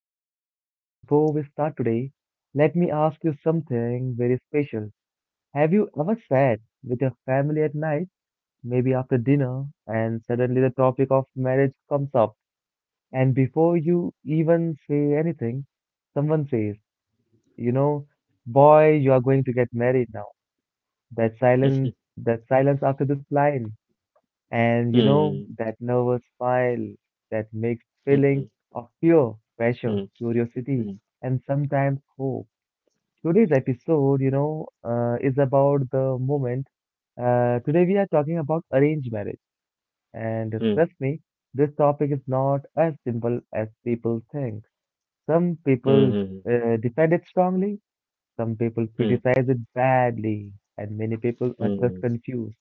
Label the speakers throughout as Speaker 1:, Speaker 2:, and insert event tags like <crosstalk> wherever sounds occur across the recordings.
Speaker 1: podcast. Before we start today, let me ask you something very special. Have you ever sat with your family at night, maybe after dinner, and suddenly the topic of marriage comes up? And before you even say anything, someone says, "You know, boy, you are going to get married now."
Speaker 2: <laughs>
Speaker 1: That silence after this line. And you know,
Speaker 2: Hmm.
Speaker 1: that nervous smile, that mixed feeling of fear, pressure, curiosity, and sometimes hope. Today's episode, is about the moment. Today we are talking about arranged marriage. And trust me, this topic is not as simple as people think. Some people defend it strongly, some people criticize it badly, and many people are just confused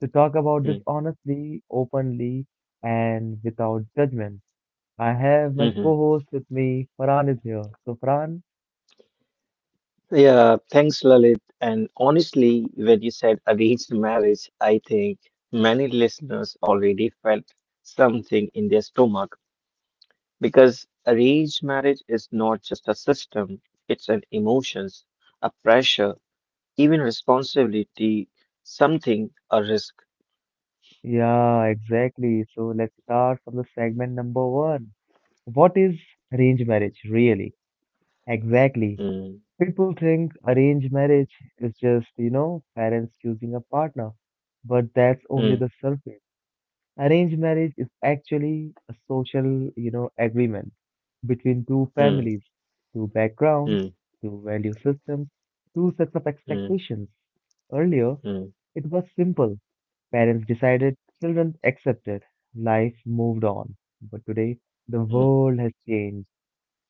Speaker 1: to talk about this honestly, openly, and without judgment. I have my co host with me, Farhan is here. So, Farhan,
Speaker 2: Yeah. Thanks, Lalit. And honestly, when you said arranged marriage, I think many listeners already felt something in their stomach because arranged marriage is not just a system, it's an emotions, a pressure, even responsibility, something, a risk.
Speaker 1: yeah, exactly. So, let's start from the segment number one. What is arranged marriage really? Exactly.
Speaker 2: Mm,
Speaker 1: People think arranged marriage is just, you know, parents choosing a partner, but that's only
Speaker 2: mm,
Speaker 1: the surface. Arranged marriage is actually a social, you know, agreement between two
Speaker 2: mm,
Speaker 1: families, two
Speaker 2: mm,
Speaker 1: backgrounds, two value systems, two sets of
Speaker 2: mm,
Speaker 1: expectations. Earlier,
Speaker 2: mm,
Speaker 1: it was simple. Parents decided, children accepted, life moved on. But today, the
Speaker 2: mm,
Speaker 1: world has changed.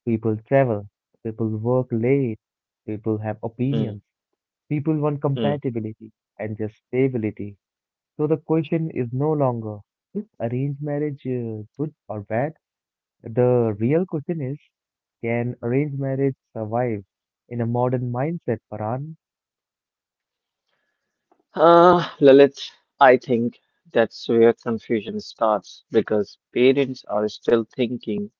Speaker 1: People travel, people work late, people have
Speaker 2: mm.
Speaker 1: opinions, people want
Speaker 2: mm.
Speaker 1: compatibility and just stability. So the question is no longer, is arranged marriage good or bad? The real question is, can arranged marriage survive in a modern mindset, Paran?
Speaker 2: Lalit, I think that's where confusion starts because parents are still thinking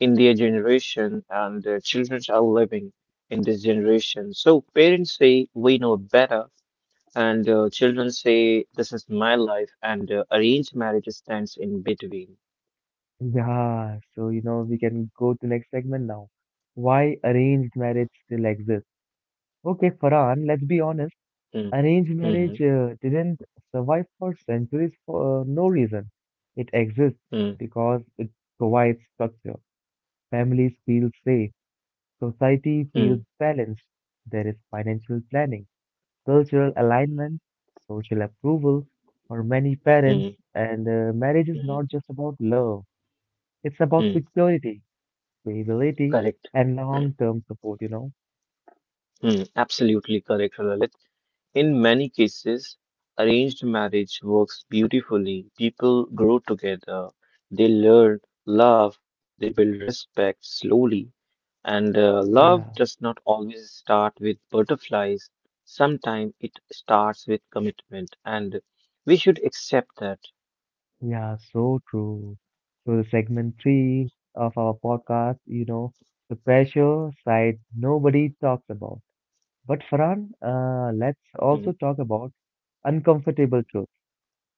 Speaker 2: in their generation and their children are living in this generation. So parents say, we know better, and children say, this is my life, and arranged marriage stands in between.
Speaker 1: Yeah, so you know we can go to next segment now. Why arranged marriage still exists? Okay, Farhan, let's be honest.
Speaker 2: Mm,
Speaker 1: Arranged marriage
Speaker 2: mhm,
Speaker 1: didn't survive for centuries for no reason. It exists
Speaker 2: mm,
Speaker 1: because it provides structure. Families feel safe. Society
Speaker 2: mm,
Speaker 1: feels balanced. There is financial planning, cultural alignment, social approval. For many parents,
Speaker 2: mm,
Speaker 1: and marriage is
Speaker 2: mm,
Speaker 1: not just about love, it's about
Speaker 2: mm.
Speaker 1: security, stability,
Speaker 2: Correct.
Speaker 1: and long term support, you know?
Speaker 2: Mm, absolutely correct, Lalit. In many cases, arranged marriage works beautifully. People grow together, they learn love, they build respect slowly. And love
Speaker 1: Yeah,
Speaker 2: does not always start with butterflies, sometimes it starts with commitment, and we should accept that.
Speaker 1: yeah, so true. So, the segment three of our podcast, you know, the pressure side nobody talks about. But, Farhan, let's also
Speaker 2: Hmm,
Speaker 1: talk about uncomfortable truth.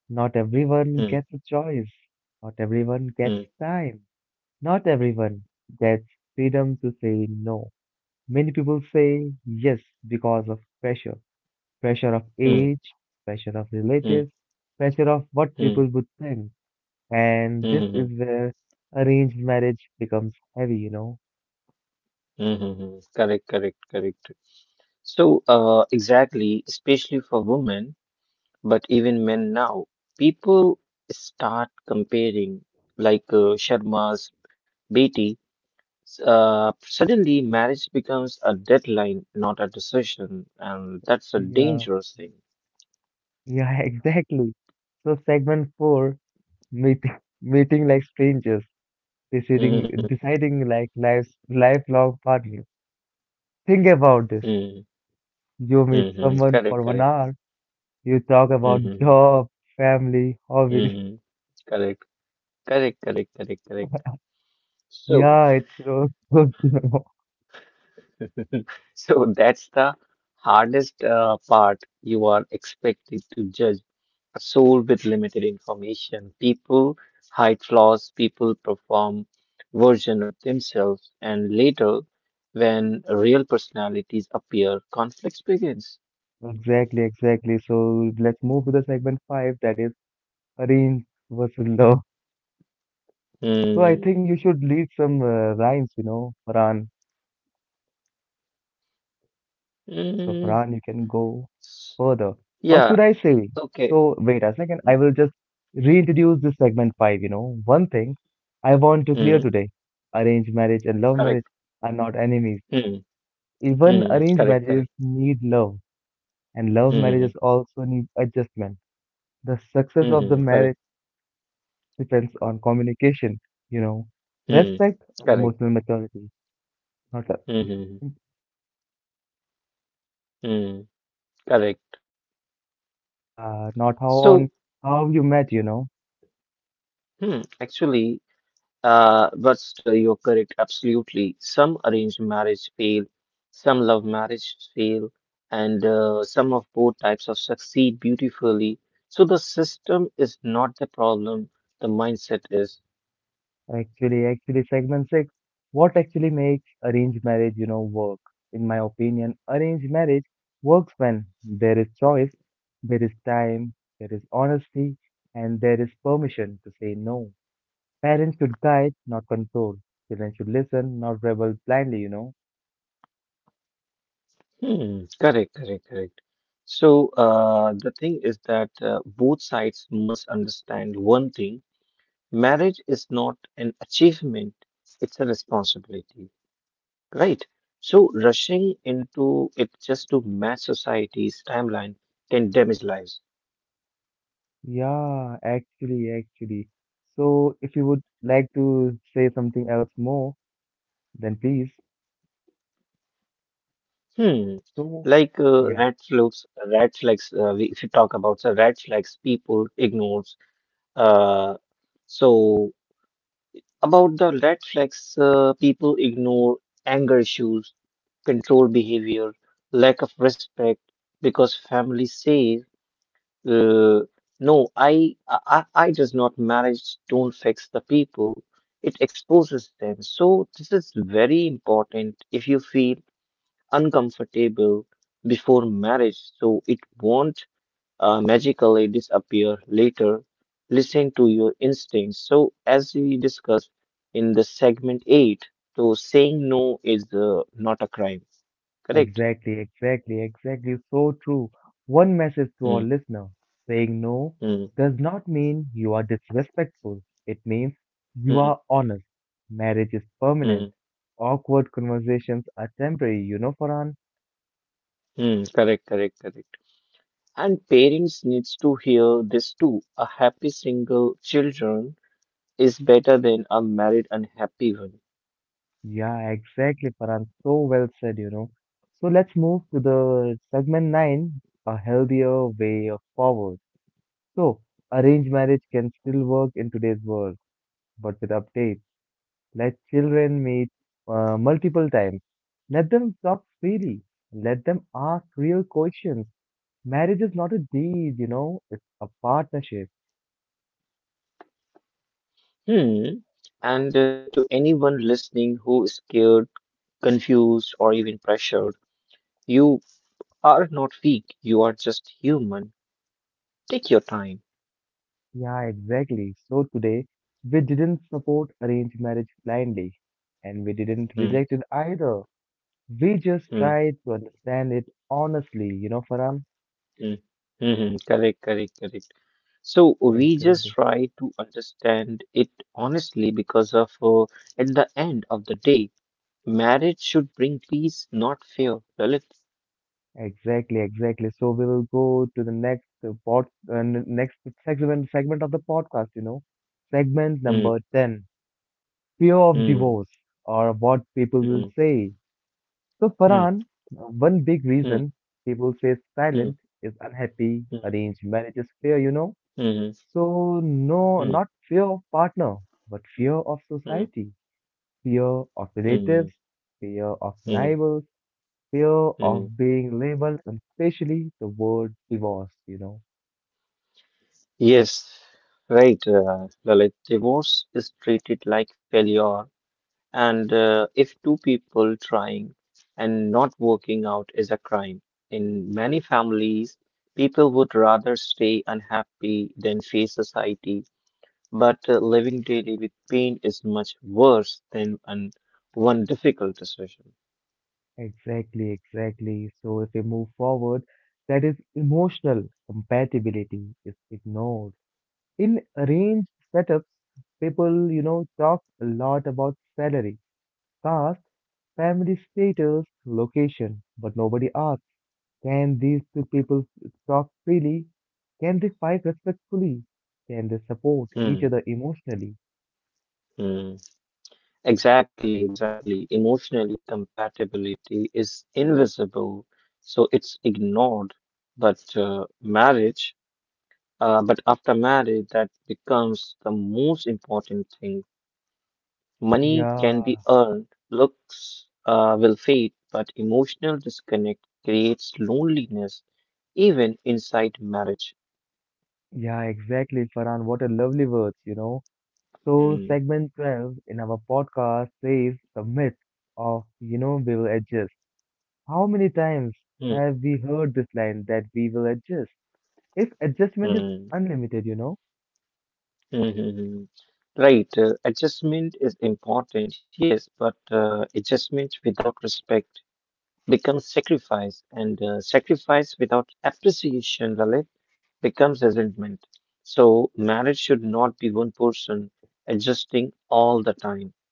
Speaker 1: Not everyone
Speaker 2: hmm,
Speaker 1: gets a choice. Not everyone gets
Speaker 2: hmm,
Speaker 1: time. Not everyone gets freedom to say no. Many people say yes because of pressure. Pressure of
Speaker 2: hmm,
Speaker 1: age, pressure of
Speaker 2: hmm,
Speaker 1: relatives, pressure of what
Speaker 2: hmm,
Speaker 1: people would think. And
Speaker 2: hmm, hmm,
Speaker 1: this
Speaker 2: hmm,
Speaker 1: is where arranged marriage becomes heavy, you know?
Speaker 2: hmm, hmm. hmm. Correct. So, exactly, especially for women. But even men now, people start comparing, like Sharma's Beti. Suddenly, marriage becomes a deadline, not a decision, and that's a
Speaker 1: Yeah,
Speaker 2: dangerous thing.
Speaker 1: yeah, <laughs> exactly. So segment four, meeting, <laughs> meeting like strangers, deciding,
Speaker 2: Mm-hmm.
Speaker 1: deciding like life's lifelong partner. Think about this. You meet
Speaker 2: Mm-hmm.
Speaker 1: someone for
Speaker 2: Correct,
Speaker 1: one
Speaker 2: correct.
Speaker 1: hour, you talk about
Speaker 2: Mm-hmm.
Speaker 1: job, family, hobbies.
Speaker 2: Mm-hmm. Correct, correct. So,
Speaker 1: Yeah, it's so good. <laughs> you know.
Speaker 2: <laughs> that's the hardest part. You are expected to judge a soul with limited information. People hide flaws, people perform version of themselves, and later, when real personalities appear, conflicts begins.
Speaker 1: Exactly, exactly. So let's move to the segment five, that is arrange versus love. So I
Speaker 2: Hmm.
Speaker 1: think you should lead some rhymes, you know, Farhan. So
Speaker 2: Hmm.
Speaker 1: Farhan, you can go further. Or
Speaker 2: Yeah.
Speaker 1: should I say?
Speaker 2: Okay.
Speaker 1: So wait a second. I will just reintroduce this segment five. You know, one thing I want to clear
Speaker 2: Hmm.
Speaker 1: today: arranged marriage and love
Speaker 2: Correct.
Speaker 1: marriage are not enemies.
Speaker 2: Hmm.
Speaker 1: Even
Speaker 2: Hmm.
Speaker 1: arranged
Speaker 2: Correct. Correct.
Speaker 1: marriages need love, and love
Speaker 2: Hmm.
Speaker 1: marriages also need adjustment. The success
Speaker 2: Hmm.
Speaker 1: of the
Speaker 2: Hmm. Correct.
Speaker 1: marriage depends on communication, you know,
Speaker 2: Hmm.
Speaker 1: respect and
Speaker 2: Correct.
Speaker 1: emotional maturity. Not a-
Speaker 2: Hmm. Hmm. Hmm. Correct.
Speaker 1: Yeah, not how
Speaker 2: So,
Speaker 1: on how you met, you know.
Speaker 2: hmm. Actually, but still, you're correct, absolutely. Some arranged marriage fail, some love marriage fail, and some of both types of succeed beautifully. So the system is not the problem, the mindset is.
Speaker 1: Segment six, what actually makes arranged marriage, you know, work? In my opinion, arranged marriage works when there is choice, there is time, there is honesty, and there is permission to say no. Parents should guide, not control. Children should listen, not rebel blindly, you know.
Speaker 2: Hmm, correct. So the thing is that both sides must understand one thing: marriage is not an achievement; it's a responsibility. Right. So rushing into it just to match society's timeline can damage lives.
Speaker 1: Yeah, actually, actually. So, if you would like to say something else more, then please.
Speaker 2: Hmm.
Speaker 1: So, yeah,
Speaker 2: Red flags. If you talk about the red flags, people ignores. Uh, so about the red flags, people ignore anger issues, control behavior, lack of respect, because family says Uh, no, I does not marriage don't fix the people. It exposes them. So this is very important. If you feel uncomfortable before marriage, so it won't magically disappear later. Listen to your instincts. So as we discussed in the segment eight, so saying no is not a crime. Correct?
Speaker 1: exactly. So true. One message to our
Speaker 2: Hmm.
Speaker 1: listener, saying no
Speaker 2: Hmm.
Speaker 1: does not mean you are disrespectful, it means you
Speaker 2: Hmm.
Speaker 1: are honest. Marriage is
Speaker 2: Hmm.
Speaker 1: permanent. Awkward conversations are temporary, you know, Farhan.
Speaker 2: Hmm. Correct. And parents needs to hear this too. A happy single children is better than a married unhappy one.
Speaker 1: Yeah, exactly, Farhan. So well said, you know. So let's move to the segment nine, a healthier way of forward. So, arranged marriage can still work in today's world, but with updates. Let children meet multiple times. Let them talk freely. Let them ask real questions. Marriage is not a deed, you know, it's a partnership.
Speaker 2: Hmm. And to anyone listening who is scared, confused, or even pressured, you are not weak. You are just human. Take your time.
Speaker 1: Yeah, exactly. So today, we didn't support arranged marriage blindly, and we didn't
Speaker 2: Hmm.
Speaker 1: reject it either. We just
Speaker 2: Hmm.
Speaker 1: try to understand it honestly, you know, Farhan?
Speaker 2: Hmm. Hmm. Correct. So we just
Speaker 1: Exactly.
Speaker 2: try to understand it honestly because of at the end of the day. Marriage should bring peace, not fear, Lalit.
Speaker 1: Exactly. So we will go to the next next segment of the podcast, you know. Segment
Speaker 2: Hmm,
Speaker 1: number 10, fear of
Speaker 2: hmm,
Speaker 1: divorce or what people will
Speaker 2: hmm,
Speaker 1: say. So
Speaker 2: hmm,
Speaker 1: Farhan, one big
Speaker 2: hmm,
Speaker 1: reason people say
Speaker 2: hmm,
Speaker 1: silent is unhappy,
Speaker 2: hmm,
Speaker 1: arranged marriages. Fear, you know.
Speaker 2: hmm,
Speaker 1: So no,
Speaker 2: hmm,
Speaker 1: not fear of partner, but fear of
Speaker 2: hmm,
Speaker 1: society, fear of
Speaker 2: hmm,
Speaker 1: relatives, fear of
Speaker 2: hmm,
Speaker 1: neighbors, fear
Speaker 2: hmm.
Speaker 1: of being labeled, and especially the word divorce, you know.
Speaker 2: Yes, right, Lalit. Divorce is treated like failure, and if two people trying and not working out is a crime, in many families, people would rather stay unhappy than face society. But living daily with pain is much worse than one difficult decision.
Speaker 1: Exactly, exactly. So if we move forward, that is emotional compatibility is ignored. In arranged setups, people, you know, talk a lot about salary, caste, family status, location, but nobody asks, can these two people talk freely? Can they fight respectfully? Can they support each
Speaker 2: Hmm,
Speaker 1: other emotionally?
Speaker 2: hmm. Exactly, exactly. Emotionally, compatibility is invisible, so it's ignored. But after marriage, that becomes the most important thing. Money can be
Speaker 1: Yeah,
Speaker 2: earned, looks will fade, but emotional disconnect creates loneliness even inside marriage.
Speaker 1: yeah, exactly, Farhan. What a lovely words, you know. So,
Speaker 2: Hmm.
Speaker 1: segment 12 in our podcast says the myth of, you know, we will adjust. How many times
Speaker 2: Mhm.
Speaker 1: have we heard this line that we will adjust? If adjustment is unlimited, you know?
Speaker 2: Mhm. Right. Adjustment is important, yes, but adjustment without respect becomes sacrifice, and sacrifice without appreciation, Lalit, becomes resentment. So, marriage should not be one person adjusting all the time.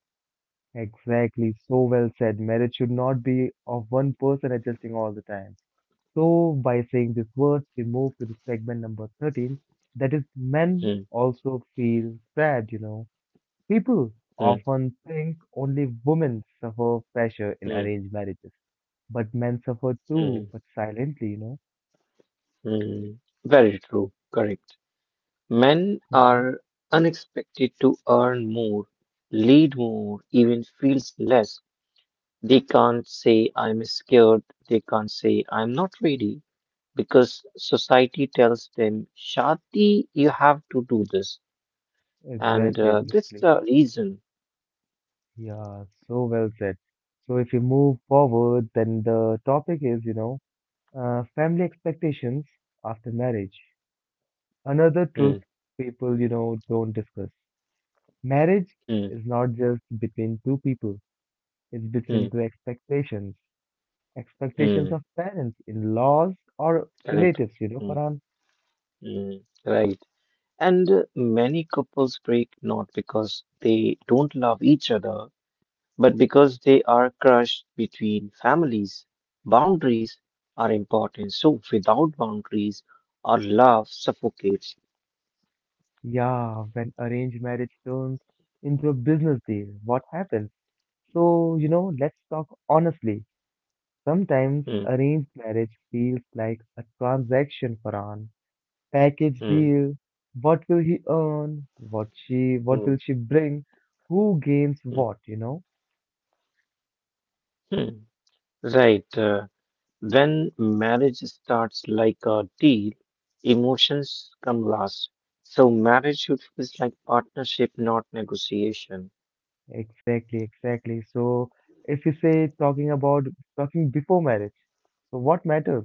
Speaker 1: Exactly, so well said. Marriage should not be of one person adjusting all the time. So, by saying these words, we move to the segment number 13 that is, men
Speaker 2: Mhm.
Speaker 1: also feel sad, you know. People
Speaker 2: Mhm.
Speaker 1: often think only women suffer pressure in
Speaker 2: Mhm.
Speaker 1: arranged marriages, but men suffer too,
Speaker 2: Mhm.
Speaker 1: but silently, you know.
Speaker 2: Mhm. Very true. Correct. Men
Speaker 1: hmm
Speaker 2: are unexpected to earn more, lead more, even feels less. They can't say I'm scared, they can't say I'm not ready because society tells them, Shadi, you have to do this. And
Speaker 1: Exactly,
Speaker 2: that's
Speaker 1: exactly.
Speaker 2: the reason.
Speaker 1: Yeah, so well said. So, if you move forward, then the topic is, you know, family expectations after marriage. Another
Speaker 2: Hmm,
Speaker 1: truth people, you know, don't discuss. Marriage
Speaker 2: hmm,
Speaker 1: is not just between two people, it's
Speaker 2: hmm,
Speaker 1: between two expectations.
Speaker 2: hmm.
Speaker 1: Expectations of parents, in laws, or
Speaker 2: Correct.
Speaker 1: relatives, you know,
Speaker 2: Hmm,
Speaker 1: Farhan.
Speaker 2: hmm. Right. And many couples break not because they don't love each other, but because they are crushed between families. Boundaries are important. So without boundaries, our love suffocates.
Speaker 1: Yeah, when arranged marriage turns into a business deal, what happens? So, you know, let's talk honestly. Sometimes
Speaker 2: Mm,
Speaker 1: arranged marriage feels like a transaction, Farhan. Package
Speaker 2: mm,
Speaker 1: deal. What will he earn? What will
Speaker 2: mm,
Speaker 1: she bring? Who gains
Speaker 2: mm,
Speaker 1: what, you know?
Speaker 2: mm. Right. When marriage starts like a deal, emotions come last. So marriage should feel like partnership, not negotiation.
Speaker 1: Exactly, exactly. So, if you say talking before marriage, so what matters?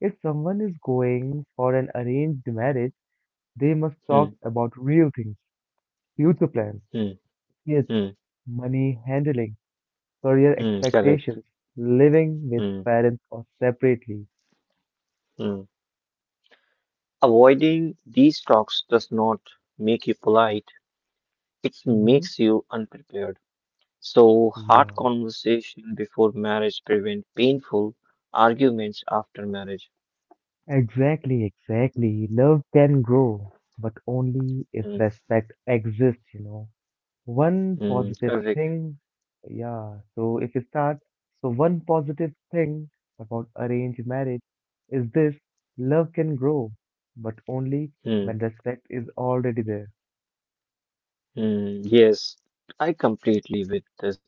Speaker 1: If someone is going for an arranged marriage, they must
Speaker 2: Mm,
Speaker 1: talk about real things, future plans,
Speaker 2: mm,
Speaker 1: kids,
Speaker 2: mm,
Speaker 1: money handling, career
Speaker 2: mm, correct.
Speaker 1: expectations, living with
Speaker 2: Mm,
Speaker 1: parents or separately.
Speaker 2: mm. Avoiding these talks does not make you polite, it
Speaker 1: Mm-hmm.
Speaker 2: makes you unprepared. So hard
Speaker 1: Yeah,
Speaker 2: conversation before marriage prevent painful arguments after marriage.
Speaker 1: exactly, exactly. Love can grow, but only if
Speaker 2: Mm,
Speaker 1: respect exists, you know. One
Speaker 2: mm,
Speaker 1: positive
Speaker 2: correct.
Speaker 1: thing, yeah. So if you start, so one positive thing about arranged marriage is this, love can grow, but only
Speaker 2: Hmm.
Speaker 1: when respect is already there.
Speaker 2: mm, yes, I completely with this.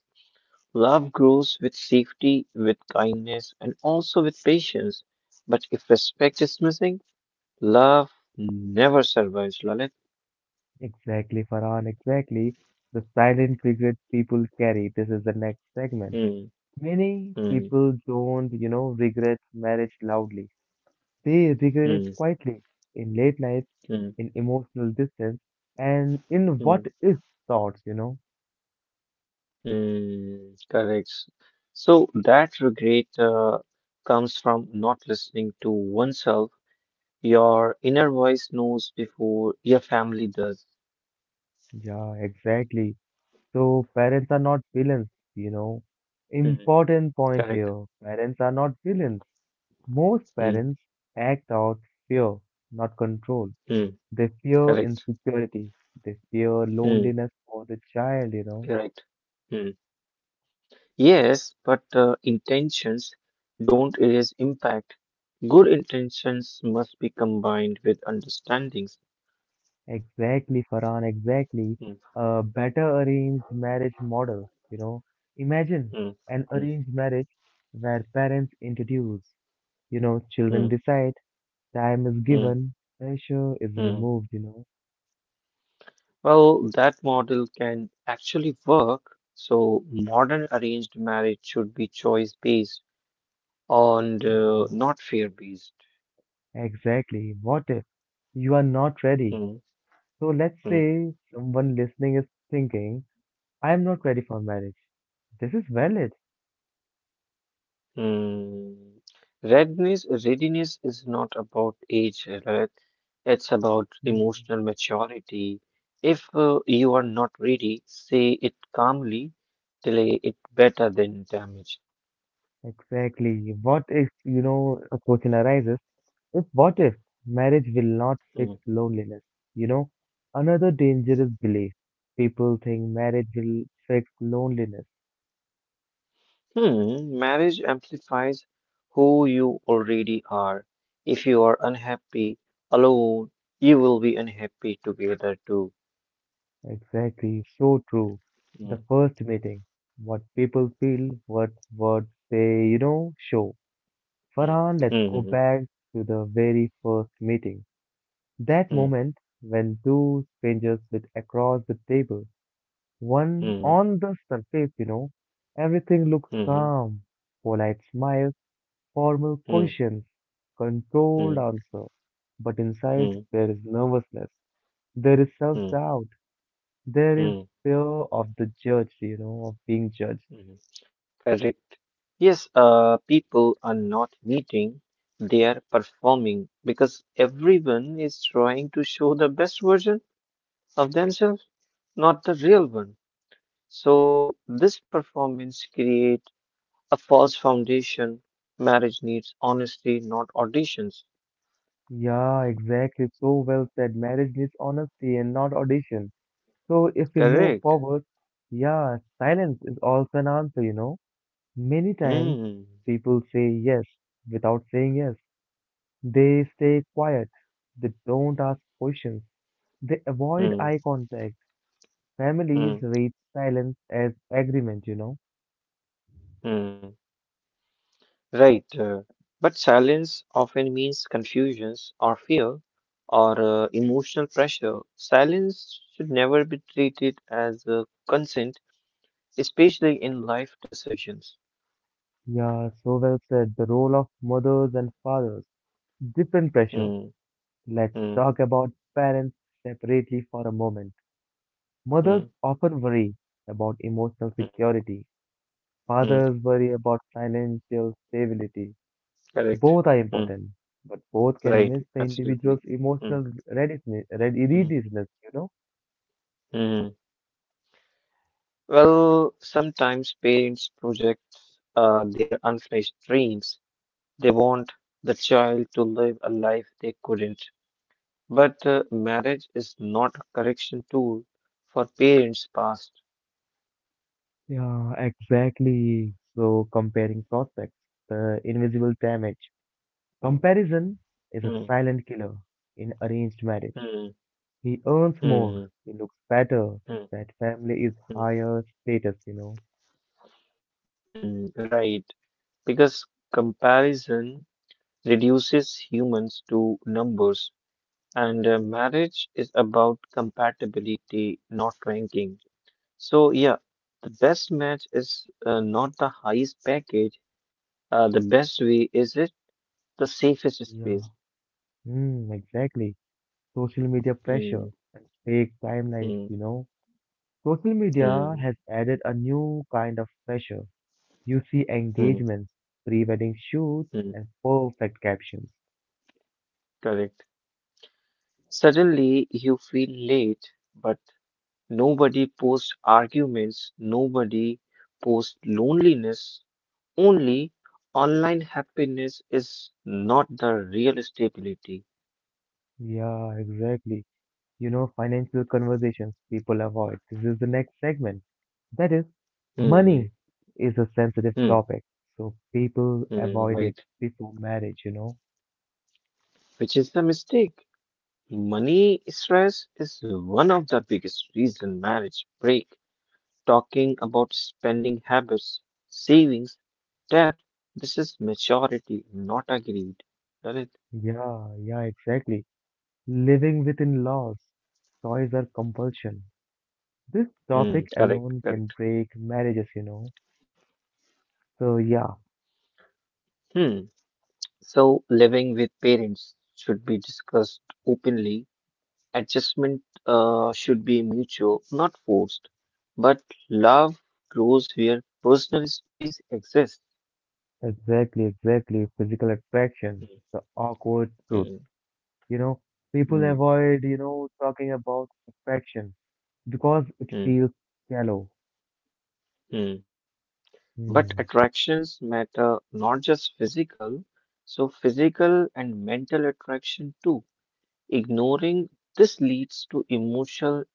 Speaker 2: Love grows with safety, with kindness, and also with patience. But if respect is missing, love never survives, Lalit.
Speaker 1: Exactly, Farhan, exactly. The silent regret people carry. This is the next segment.
Speaker 2: Hmm.
Speaker 1: Many
Speaker 2: Hmm.
Speaker 1: people don't, you know, regret marriage loudly. They regret it
Speaker 2: Hmm.
Speaker 1: quietly, in late nights,
Speaker 2: Hmm.
Speaker 1: in emotional distance, and in what
Speaker 2: Hmm.
Speaker 1: if thoughts, you know.
Speaker 2: mm, correct. So that regret comes from not listening to oneself. Your inner voice knows before your family does.
Speaker 1: Yeah, exactly. So parents are not villains, you know.
Speaker 2: Mm,
Speaker 1: Important point
Speaker 2: correct.
Speaker 1: here. Parents are not villains. Most
Speaker 2: Hmm.
Speaker 1: parents act out fear, not control.
Speaker 2: Hmm.
Speaker 1: They fear
Speaker 2: correct.
Speaker 1: insecurity. They fear
Speaker 2: Hmm.
Speaker 1: loneliness for the child, you know.
Speaker 2: Correct. Hmm. Yes, but intentions don't erase impact. Good intentions must be combined with understandings.
Speaker 1: Exactly, Farhan, exactly.
Speaker 2: Hmm,
Speaker 1: A better arranged marriage model, you know. Imagine
Speaker 2: hmm,
Speaker 1: an
Speaker 2: hmm,
Speaker 1: arranged marriage where parents introduce, you know, children
Speaker 2: hmm,
Speaker 1: decide. Time is
Speaker 2: hmm,
Speaker 1: given, pressure is
Speaker 2: hmm.
Speaker 1: removed, you
Speaker 2: Well, that model can actually work. So, modern arranged marriage should be choice based and
Speaker 1: know.
Speaker 2: not fear based.
Speaker 1: Yeah, exactly. What if you are not ready? So let's say someone listening is thinking, I am not ready for marriage. This is valid.
Speaker 2: Mm. Readiness is not about age, Rajat. It's about
Speaker 1: Hmm.
Speaker 2: emotional maturity. If you are not ready, say it calmly, delay it better than damage.
Speaker 1: Exactly. What if, you know, a question arises, if marriage will not fix
Speaker 2: Hmm.
Speaker 1: loneliness? You know, another dangerous belief. People think marriage will fix loneliness.
Speaker 2: Hmm, marriage amplifies who you already are. If you are unhappy alone, you will be unhappy together too.
Speaker 1: Exactly, so true.
Speaker 2: Hmm.
Speaker 1: The first meeting, what people feel, what they, you know, show.
Speaker 2: Hmm.
Speaker 1: Farhan, let's go
Speaker 2: Hmm.
Speaker 1: back to the very first meeting. That
Speaker 2: Hmm.
Speaker 1: moment when two strangers sit across the table, one
Speaker 2: Hmm.
Speaker 1: on the surface, you know, everything looks
Speaker 2: Hmm.
Speaker 1: calm, polite smiles, formal
Speaker 2: Hmm.
Speaker 1: questions,
Speaker 2: Hmm.
Speaker 1: controlled
Speaker 2: Hmm.
Speaker 1: answer. But inside,
Speaker 2: Hmm.
Speaker 1: there is nervousness, there is
Speaker 2: Hmm. Hmm.
Speaker 1: self-doubt, there is
Speaker 2: Hmm.
Speaker 1: fear of the judge, you know, of being judged.
Speaker 2: Mhm. Correct. Yes, people are not meeting, they are performing because everyone is trying to show the best version of themselves, not the real one. So this performance create a false foundation. Marriage needs honesty, not auditions.
Speaker 1: Yeah, exactly. So well said. Marriage needs honesty and not audition. So if we move
Speaker 2: Correct.
Speaker 1: forward, yeah, silence is also an answer, you know. Many times
Speaker 2: Hmm.
Speaker 1: people say yes without saying yes. They stay quiet. They don't ask questions. They avoid eye
Speaker 2: Hmm.
Speaker 1: contact. Families
Speaker 2: Hmm.
Speaker 1: read silence as agreement, you know.
Speaker 2: Hmm. Right. But silence often means confusions or fear or emotional pressure. Silence should never be treated as consent, especially in life decisions.
Speaker 1: Yeah, so well said. The role of mothers and fathers. Different pressure.
Speaker 2: Mm,
Speaker 1: Let's
Speaker 2: mm,
Speaker 1: talk about parents separately for a moment. Mothers
Speaker 2: mm,
Speaker 1: often worry about emotional
Speaker 2: mm,
Speaker 1: security.
Speaker 2: mm.
Speaker 1: Fathers worry about financial stability.
Speaker 2: Correct.
Speaker 1: Both are
Speaker 2: Mm,
Speaker 1: important, but both can
Speaker 2: right.
Speaker 1: miss the
Speaker 2: Absolutely.
Speaker 1: individual's
Speaker 2: Mm,
Speaker 1: emotional
Speaker 2: mm,
Speaker 1: readiness, you know?
Speaker 2: mm. Well, sometimes parents project their unfinished dreams. They want the child to live a life they couldn't. But marriage is not a correction tool for parents' past.
Speaker 1: Yeah, exactly. So comparing prospects, the invisible damage. Comparison is a
Speaker 2: Hmm,
Speaker 1: silent killer in arranged marriage.
Speaker 2: hmm,
Speaker 1: He earns more,
Speaker 2: hmm,
Speaker 1: he looks better.
Speaker 2: hmm,
Speaker 1: That family is
Speaker 2: hmm,
Speaker 1: higher status, you know.
Speaker 2: hmm, right. Because comparison reduces humans to numbers, and marriage is about compatibility, not ranking. So, yeah, the best match is not the highest package. The best way is it the safest
Speaker 1: Yeah,
Speaker 2: space.
Speaker 1: Mm, exactly. Social media
Speaker 2: Hmm,
Speaker 1: pressure and fake timelines,
Speaker 2: hmm,
Speaker 1: you know. Social media
Speaker 2: hmm,
Speaker 1: has added a new kind of pressure. You see
Speaker 2: hmm,
Speaker 1: engagements, pre-wedding shoots,
Speaker 2: hmm.
Speaker 1: and perfect captions.
Speaker 2: Correct. Suddenly you feel late, but nobody posts arguments, nobody posts loneliness. Only online happiness is not the real stability.
Speaker 1: Yeah, exactly. You know, financial conversations people avoid. This is the next segment. That is, money
Speaker 2: Hmm,
Speaker 1: is a sensitive
Speaker 2: hmm,
Speaker 1: topic, so people
Speaker 2: hmm,
Speaker 1: avoid it
Speaker 2: right.
Speaker 1: before marriage,
Speaker 2: Which is the mistake. Money stress is one of the biggest reason marriage break. Talking about spending habits, savings, debt. This is maturity, not agreed. Lalit?
Speaker 1: Yeah, yeah, exactly. Living within laws, toys are compulsion. This
Speaker 2: Hmm,
Speaker 1: topic
Speaker 2: correct,
Speaker 1: alone can
Speaker 2: correct.
Speaker 1: break marriages, So yeah,
Speaker 2: Hmm. So living with parents should be discussed openly. Adjustment should be mutual, not forced. But love grows where personal space exists.
Speaker 1: exactly, exactly. Physical attraction, the awkward truth,
Speaker 2: Hmm,
Speaker 1: you know. People
Speaker 2: hmm,
Speaker 1: avoid, talking about affection because it
Speaker 2: hmm,
Speaker 1: feels shallow.
Speaker 2: hmm. But
Speaker 1: Hmm.
Speaker 2: attractions matter not just physical, so physical and mental attraction too. Ignoring this leads to emotional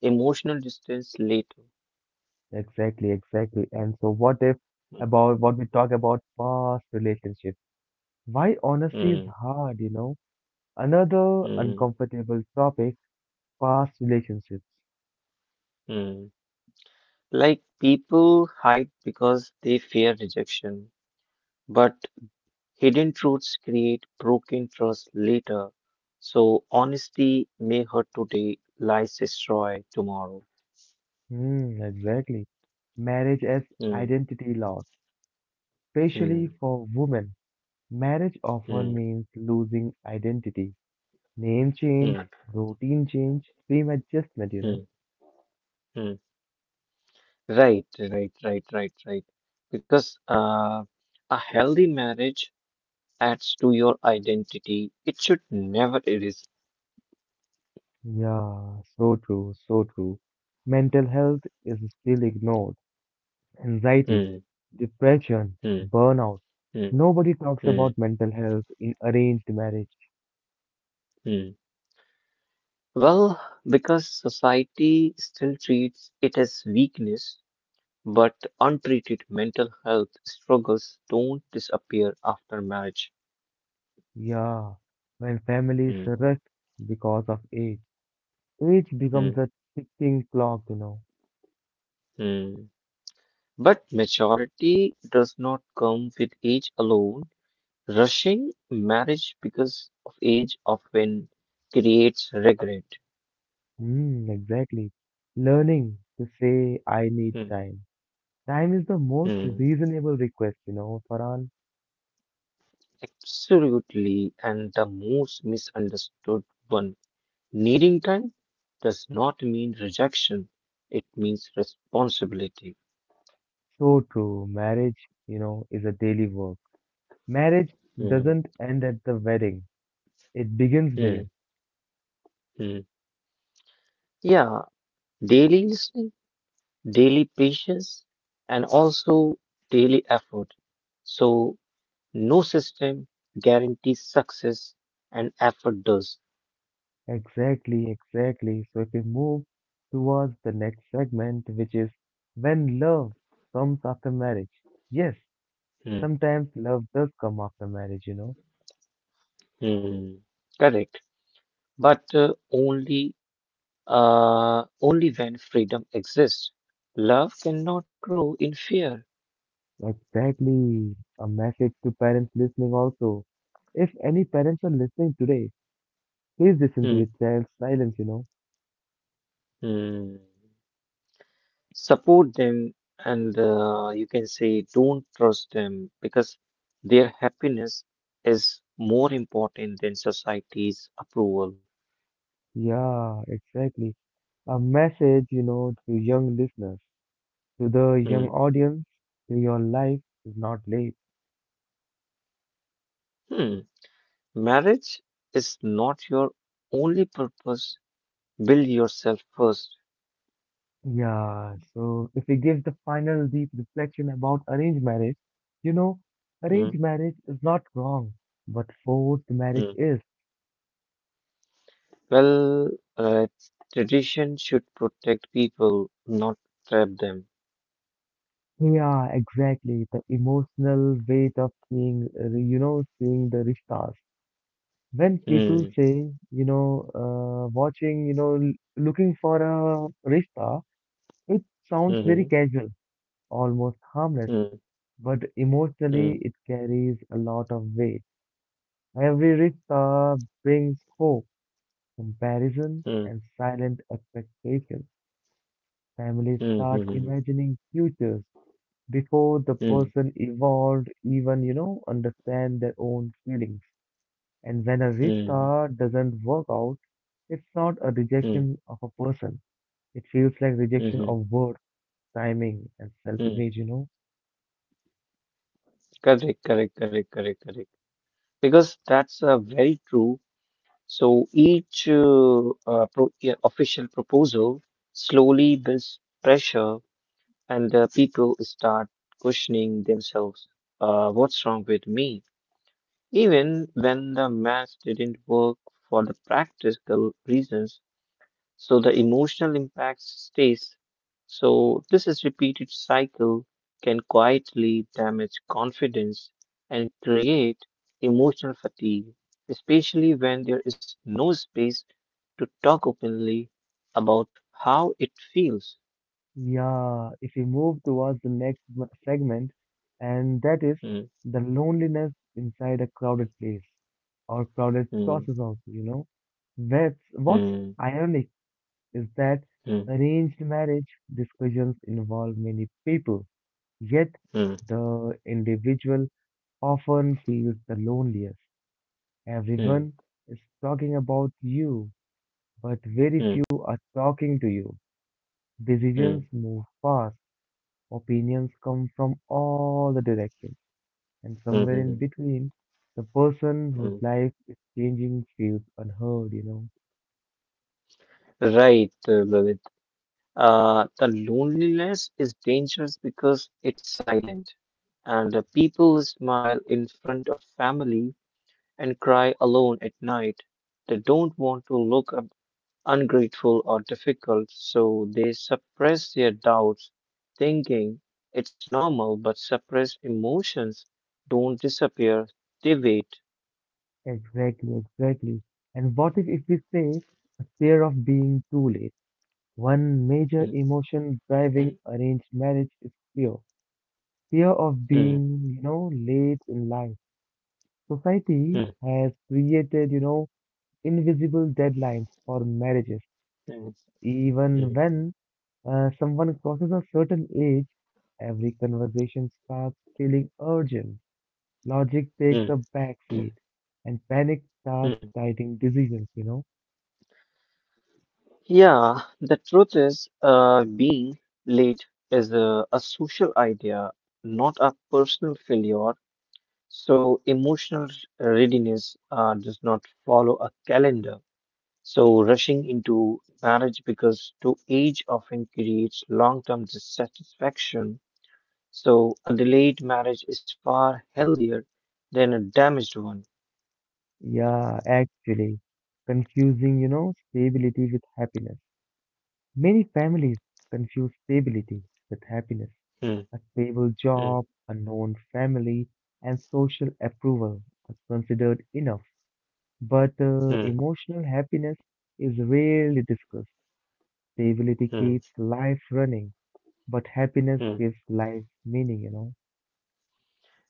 Speaker 2: emotional distance later.
Speaker 1: Exactly, exactly. And so, what if
Speaker 2: Hmm,
Speaker 1: about what we talk about past relationships? Why honesty
Speaker 2: hmm,
Speaker 1: is hard, you know? Another
Speaker 2: hmm.
Speaker 1: uncomfortable topic, past relationships.
Speaker 2: Hmm. Like people hide because they fear rejection, but hidden truths create broken trust later. So honesty may hurt today, lies destroy tomorrow.
Speaker 1: Hmm, exactly. Marriage as
Speaker 2: Hmm.
Speaker 1: identity loss, especially
Speaker 2: Hmm.
Speaker 1: for women. Marriage
Speaker 2: Hmm.
Speaker 1: often means losing identity. Name
Speaker 2: Hmm.
Speaker 1: change, routine change, frame adjustment,
Speaker 2: Hmm. Hmm. Right. Because a healthy marriage adds to your identity. It should never erase.
Speaker 1: Yeah, so true, so true. Mental health is still ignored. Anxiety,
Speaker 2: Hmm.
Speaker 1: depression,
Speaker 2: Hmm.
Speaker 1: burnout.
Speaker 2: Hmm.
Speaker 1: Nobody talks
Speaker 2: Hmm.
Speaker 1: about mental health in arranged marriage.
Speaker 2: Hmm. Well, because society still treats it as weakness, but untreated mental health struggles don't disappear after marriage.
Speaker 1: Yeah, when families
Speaker 2: Hmm,
Speaker 1: rush because of age. Age
Speaker 2: hmm,
Speaker 1: becomes a ticking clock,
Speaker 2: hmm. But maturity does not come with age alone. Rushing marriage because of age often creates regret.
Speaker 1: Mm, exactly. Learning to say, I need
Speaker 2: Hmm,
Speaker 1: time. Time is the most
Speaker 2: hmm.
Speaker 1: reasonable request, Farhan.
Speaker 2: Absolutely, and the most misunderstood one. Needing time does not mean rejection, it means responsibility.
Speaker 1: So true. Marriage, is a daily work. Marriage
Speaker 2: Mhm,
Speaker 1: doesn't end at the wedding. It begins there.
Speaker 2: mhm, mhm. Yeah, daily listening, daily patience, and also daily effort. So, no system guarantees success, and effort does.
Speaker 1: Exactly, exactly. So if we move towards the next segment, which is when love comes after marriage. Yes,
Speaker 2: Mhm,
Speaker 1: sometimes love does come after marriage,
Speaker 2: mhm. Correct, but only when freedom exists. Love cannot grow in fear.
Speaker 1: Exactly. A message to parents listening also. If any parents are listening today, please listen to your
Speaker 2: Mhm,
Speaker 1: child's silence,
Speaker 2: mhm. Support them and you can say don't trust them because their happiness is more important than society's approval.
Speaker 1: Yeah, exactly. A message, to young listeners, to the young
Speaker 2: Hmm.
Speaker 1: audience, your life is not late.
Speaker 2: Hmm. Marriage is not your only purpose. Build yourself first.
Speaker 1: Yeah, so if we give the final deep reflection about arranged marriage, you know,
Speaker 2: Hmm.
Speaker 1: arranged marriage is not wrong, but forced marriage
Speaker 2: Hmm.
Speaker 1: is.
Speaker 2: Well, uh, tradition should protect people, not trap them.
Speaker 1: Yeah, exactly. The emotional weight of seeing, seeing the rishtas. When people
Speaker 2: Hmm.
Speaker 1: say, watching, looking for a rishta, it sounds very
Speaker 2: Hmm.
Speaker 1: casual, almost harmless,
Speaker 2: Hmm.
Speaker 1: but
Speaker 2: Hmm.
Speaker 1: emotionally it carries a lot of weight. Every rich star brings hope, comparison,
Speaker 2: Hmm.
Speaker 1: and silent expectations. Families
Speaker 2: Hmm.
Speaker 1: start
Speaker 2: Hmm.
Speaker 1: imagining futures before the
Speaker 2: Hmm.
Speaker 1: person evolved even, understand their own feelings. And when a rich
Speaker 2: Hmm. Hmm.
Speaker 1: star doesn't work out, it's not a
Speaker 2: Hmm.
Speaker 1: rejection of a person. It feels like rejection
Speaker 2: Hmm.
Speaker 1: of worth, timing, and
Speaker 2: Hmm.
Speaker 1: self-image,
Speaker 2: Correct. Because that's very true. So each pro yeah, official proposal slowly builds pressure, and people start questioning themselves. What's wrong with me? Even when the maths didn't work for the practical reasons, so the emotional impact stays. So this is repeated cycle can quietly damage confidence and create emotional fatigue, especially when there is no space to talk openly about how it feels.
Speaker 1: Yeah, if we move towards the next segment, and that is
Speaker 2: Hmm,
Speaker 1: the loneliness inside a crowded place or crowded
Speaker 2: hmm,
Speaker 1: process also, What's
Speaker 2: hmm,
Speaker 1: ironic is that
Speaker 2: hmm,
Speaker 1: arranged marriage discussions involve many people, yet
Speaker 2: hmm,
Speaker 1: the individual often feels the loneliest.
Speaker 2: hmm,
Speaker 1: Everyone is talking about you, but very
Speaker 2: hmm,
Speaker 1: few are talking to you.
Speaker 2: hmm,
Speaker 1: Decisions move fast. Opinions come from all the directions, and
Speaker 2: hmm,
Speaker 1: somewhere in
Speaker 2: hmm,
Speaker 1: between, the person whose
Speaker 2: hmm.
Speaker 1: life is changing feels unheard,
Speaker 2: Right, Lalit. The loneliness is dangerous because it's silent, and people smile in front of family and cry alone at night. They don't want to look up ungrateful or difficult, so they suppress their doubts, thinking it's normal, but suppressed emotions don't disappear, they wait.
Speaker 1: Exactly, exactly. And what if we say fear of being too late? One major
Speaker 2: Mm,
Speaker 1: emotion driving
Speaker 2: mm,
Speaker 1: arranged marriage is fear. Fear of
Speaker 2: mm,
Speaker 1: being, late in life. Society
Speaker 2: mm,
Speaker 1: has created, invisible deadlines for marriages,
Speaker 2: mm,
Speaker 1: even
Speaker 2: mm,
Speaker 1: when someone crosses a certain age, every conversation starts feeling urgent. Logic takes a
Speaker 2: mm,
Speaker 1: backseat, and panic starts
Speaker 2: mm.
Speaker 1: guiding decisions, you know?
Speaker 2: Yeah, the truth is, being late is a social idea, not a personal failure. So, emotional readiness does not follow a calendar. So, rushing into marriage because to age often creates long-term dissatisfaction. So, a delayed marriage is far healthier than a damaged one.
Speaker 1: Yeah, actually, confusing, stability with happiness. Many families confuse stability with happiness.
Speaker 2: Hmm,
Speaker 1: A stable
Speaker 2: hmm,
Speaker 1: job, a known family, and social approval are considered enough. But
Speaker 2: hmm,
Speaker 1: emotional happiness is rarely discussed. Stability
Speaker 2: hmm,
Speaker 1: keeps life running, but happiness
Speaker 2: hmm.
Speaker 1: gives life meaning,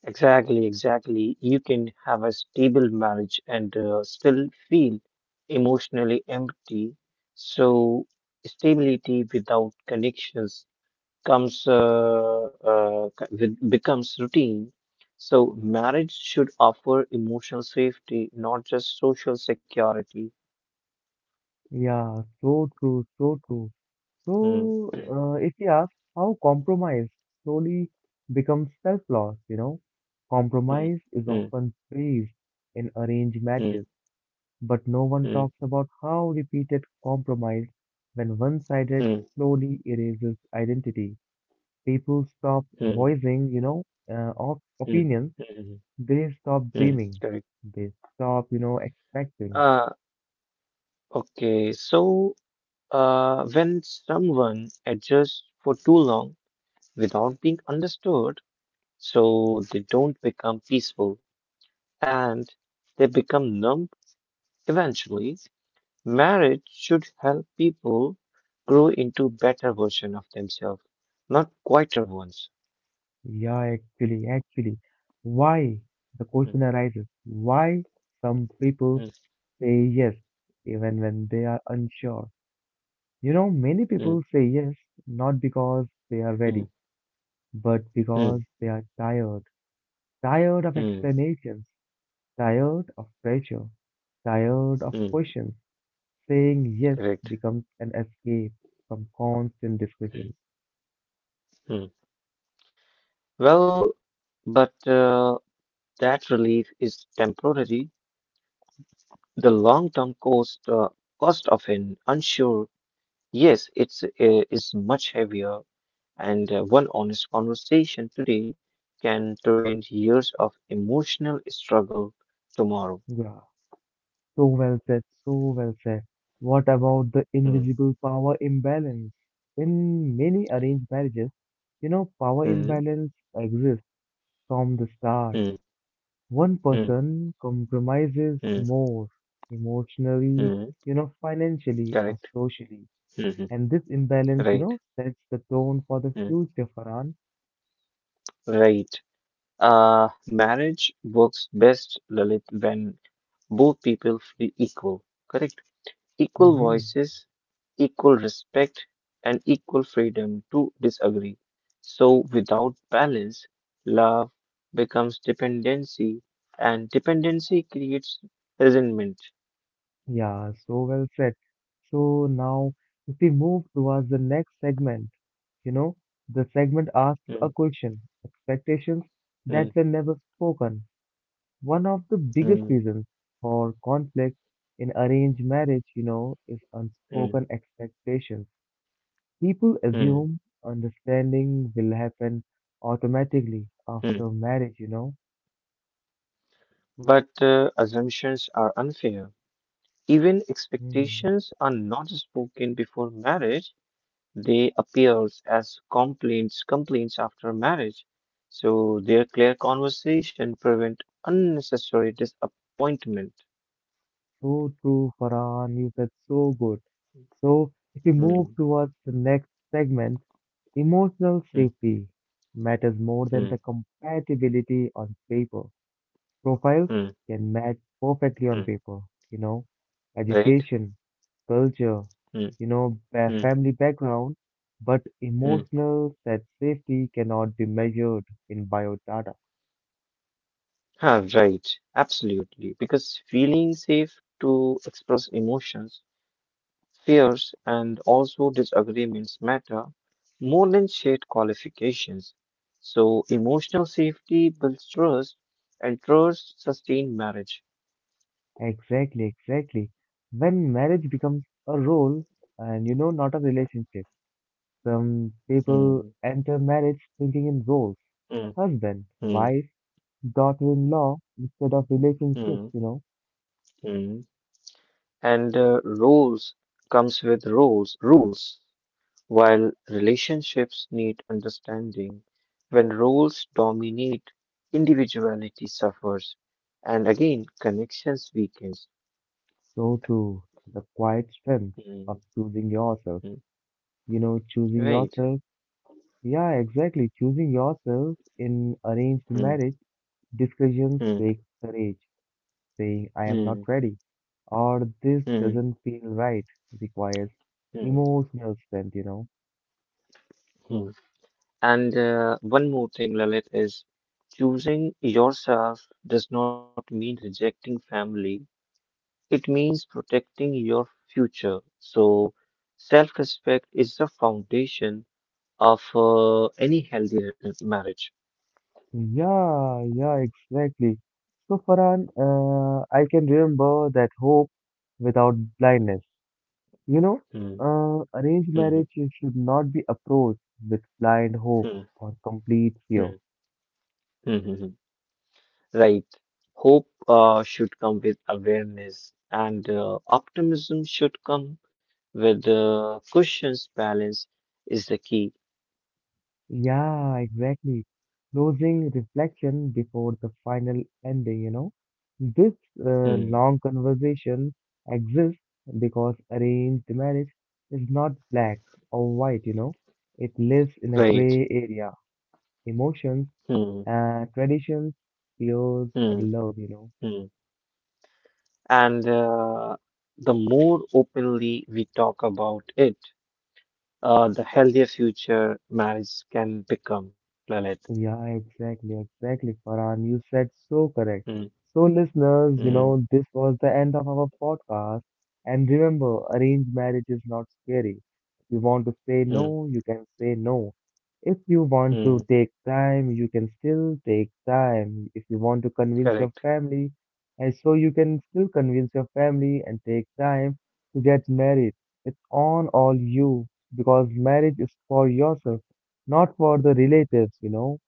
Speaker 2: Exactly, exactly. You can have a stable marriage and still feel emotionally empty. So, stability without connections comes uh, becomes routine. So, marriage should offer emotional safety, not just social security.
Speaker 1: Yeah, so true, so true.
Speaker 2: Mm,
Speaker 1: So,
Speaker 2: mm,
Speaker 1: if you ask how compromise slowly becomes self-loss,
Speaker 2: mm,
Speaker 1: compromise is
Speaker 2: mm,
Speaker 1: often praised in arranged
Speaker 2: mm,
Speaker 1: marriages, but no one
Speaker 2: mm,
Speaker 1: talks about how repeated compromise, when one-sided,
Speaker 2: mm,
Speaker 1: slowly erases identity. People stop
Speaker 2: mm,
Speaker 1: voicing,
Speaker 2: mm,
Speaker 1: opinions.
Speaker 2: mm,
Speaker 1: They stop
Speaker 2: mm,
Speaker 1: dreaming.
Speaker 2: correct.
Speaker 1: They stop, expecting.
Speaker 2: Uh, okay. So. When someone adjusts for too long without being understood, so they don't become peaceful and they become numb eventually, marriage should help people grow into better version of themselves, not quieter ones.
Speaker 1: Yeah, actually, actually. Why? The
Speaker 2: Mm,
Speaker 1: question arises. Why some people
Speaker 2: mm,
Speaker 1: say yes even when they are unsure? You know, many people
Speaker 2: mm,
Speaker 1: say yes not because they are
Speaker 2: mm,
Speaker 1: ready, but because
Speaker 2: mm,
Speaker 1: they are tired. Tired of
Speaker 2: mm,
Speaker 1: explanations, tired of pressure, tired of
Speaker 2: mm.
Speaker 1: questions. Saying yes
Speaker 2: Correct.
Speaker 1: becomes an escape from constant
Speaker 2: Mm,
Speaker 1: discussions.
Speaker 2: mm. Well, but that relief is temporary. The long-term cost of an unsure yes, it's is much heavier, and one honest conversation today can prevent years of emotional struggle tomorrow.
Speaker 1: Yeah. So well said, so well said. What about the
Speaker 2: Hmm.
Speaker 1: invisible power imbalance? In many arranged marriages, power
Speaker 2: Hmm.
Speaker 1: imbalance exists from the start.
Speaker 2: Hmm.
Speaker 1: One
Speaker 2: Hmm.
Speaker 1: person compromises
Speaker 2: Hmm.
Speaker 1: more emotionally,
Speaker 2: Hmm.
Speaker 1: financially or
Speaker 2: Correct.
Speaker 1: socially.
Speaker 2: Hmm.
Speaker 1: And this imbalance,
Speaker 2: Right.
Speaker 1: sets the tone for the
Speaker 2: Hmm.
Speaker 1: future, Farhan.
Speaker 2: Right. Marriage works best, Lalit, when both people feel equal. Correct. Equal
Speaker 1: Hmm.
Speaker 2: voices, equal respect, and equal freedom to disagree. So, without balance, love becomes dependency, and dependency creates resentment.
Speaker 1: Yeah, so well said. So now, if we move towards the next segment, You know, the segment asks a
Speaker 2: Hmm,
Speaker 1: question, expectations
Speaker 2: hmm,
Speaker 1: that were never spoken. One of the biggest
Speaker 2: hmm,
Speaker 1: reasons for conflict in arranged marriage, is
Speaker 2: hmm,
Speaker 1: unspoken expectations. People
Speaker 2: hmm,
Speaker 1: assume understanding will happen automatically
Speaker 2: hmm.
Speaker 1: after marriage,
Speaker 2: But assumptions are unfair. Even
Speaker 1: Hmm.
Speaker 2: expectations are not spoken before marriage. They appears as complaints after marriage. So their clear conversation prevent unnecessary disappointment.
Speaker 1: So true, Farhan. You said so good. So, if we move
Speaker 2: Hmm,
Speaker 1: towards the next segment, emotional
Speaker 2: hmm,
Speaker 1: safety matters more than the
Speaker 2: hmm,
Speaker 1: compatibility on paper. Profiles
Speaker 2: hmm,
Speaker 1: can match perfectly on
Speaker 2: hmm.
Speaker 1: paper, you know,
Speaker 2: Right?
Speaker 1: education, culture,
Speaker 2: Hmm, hmm,
Speaker 1: family background, but
Speaker 2: hmm.
Speaker 1: emotional set safety cannot be measured in biodata.
Speaker 2: Ah, right. Absolutely. Because feeling safe to express emotions, fears, and also disagreements matter more than shared qualifications. So emotional safety builds trust and trust sustain marriage.
Speaker 1: Exactly, exactly. When marriage becomes a role and not a relationship, some people
Speaker 2: Mm,
Speaker 1: enter marriage thinking in roles:
Speaker 2: mm, mm,
Speaker 1: husband,
Speaker 2: mm,
Speaker 1: wife, daughter in law instead of relationships,
Speaker 2: mm. mm. And roles comes with roles, rules, while relationships need understanding. When roles dominate, individuality suffers, and again, connections weakens.
Speaker 1: So too, the quiet strength of
Speaker 2: Mm,
Speaker 1: choosing yourself,
Speaker 2: mm,
Speaker 1: choosing
Speaker 2: right.
Speaker 1: yourself. Yeah, exactly. Choosing yourself in arranged
Speaker 2: Mm,
Speaker 1: marriage decisions
Speaker 2: mm,
Speaker 1: take courage. Saying I am not
Speaker 2: mm,
Speaker 1: ready or this
Speaker 2: mm,
Speaker 1: doesn't feel right requires
Speaker 2: mm,
Speaker 1: emotional strength,
Speaker 2: mm. And one more thing, Lalit, is choosing yourself does not mean rejecting family. It means protecting your future. So, self respect is the foundation of any marriage.
Speaker 1: Yeah, yeah, exactly. So, Farhan, I can remember that hope without blindness. You know,
Speaker 2: Hmm,
Speaker 1: arranged
Speaker 2: hmm,
Speaker 1: marriage should not be approached with blind hope
Speaker 2: hmm,
Speaker 1: or complete
Speaker 2: hmm,
Speaker 1: fear.
Speaker 2: hmm, hmm, hmm. hmm. Right. Hope should come with awareness, and optimism should come with caution's balance is the key.
Speaker 1: Yeah, exactly. Closing reflection before the final ending, This
Speaker 2: Hmm,
Speaker 1: long conversation exists because arranged marriage is not black or white, It lives in a
Speaker 2: right.
Speaker 1: gray area, emotions
Speaker 2: Hmm,
Speaker 1: and traditions, fears
Speaker 2: hmm,
Speaker 1: and love,
Speaker 2: hmm. And the more openly we talk about it, the healthier future marriage can become, Lalit.
Speaker 1: Yeah, exactly, exactly, Farhan. You said so correct.
Speaker 2: Mm,
Speaker 1: So, listeners,
Speaker 2: mm,
Speaker 1: this was the end of our podcast. And remember, arranged marriage is not scary. If you want to say
Speaker 2: mm,
Speaker 1: no, you can say no. If you want
Speaker 2: mm.
Speaker 1: to take time, you can still take time. If you want to convince your
Speaker 2: Correct.
Speaker 1: family, and so you can still convince your family and take time to get married. It's on all you because marriage is for yourself, not for the relatives,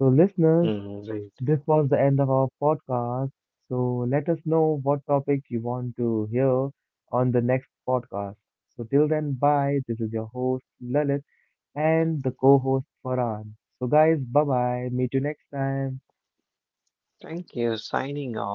Speaker 1: So, listeners,
Speaker 2: Mm, right.
Speaker 1: this was the end of our podcast. So, let us know what topic you want to hear on the next podcast. So, till then, bye. This is your host, Lalit, and the co host, Farhan. So, guys, bye bye. Meet you next time.
Speaker 2: Thank you. Signing off.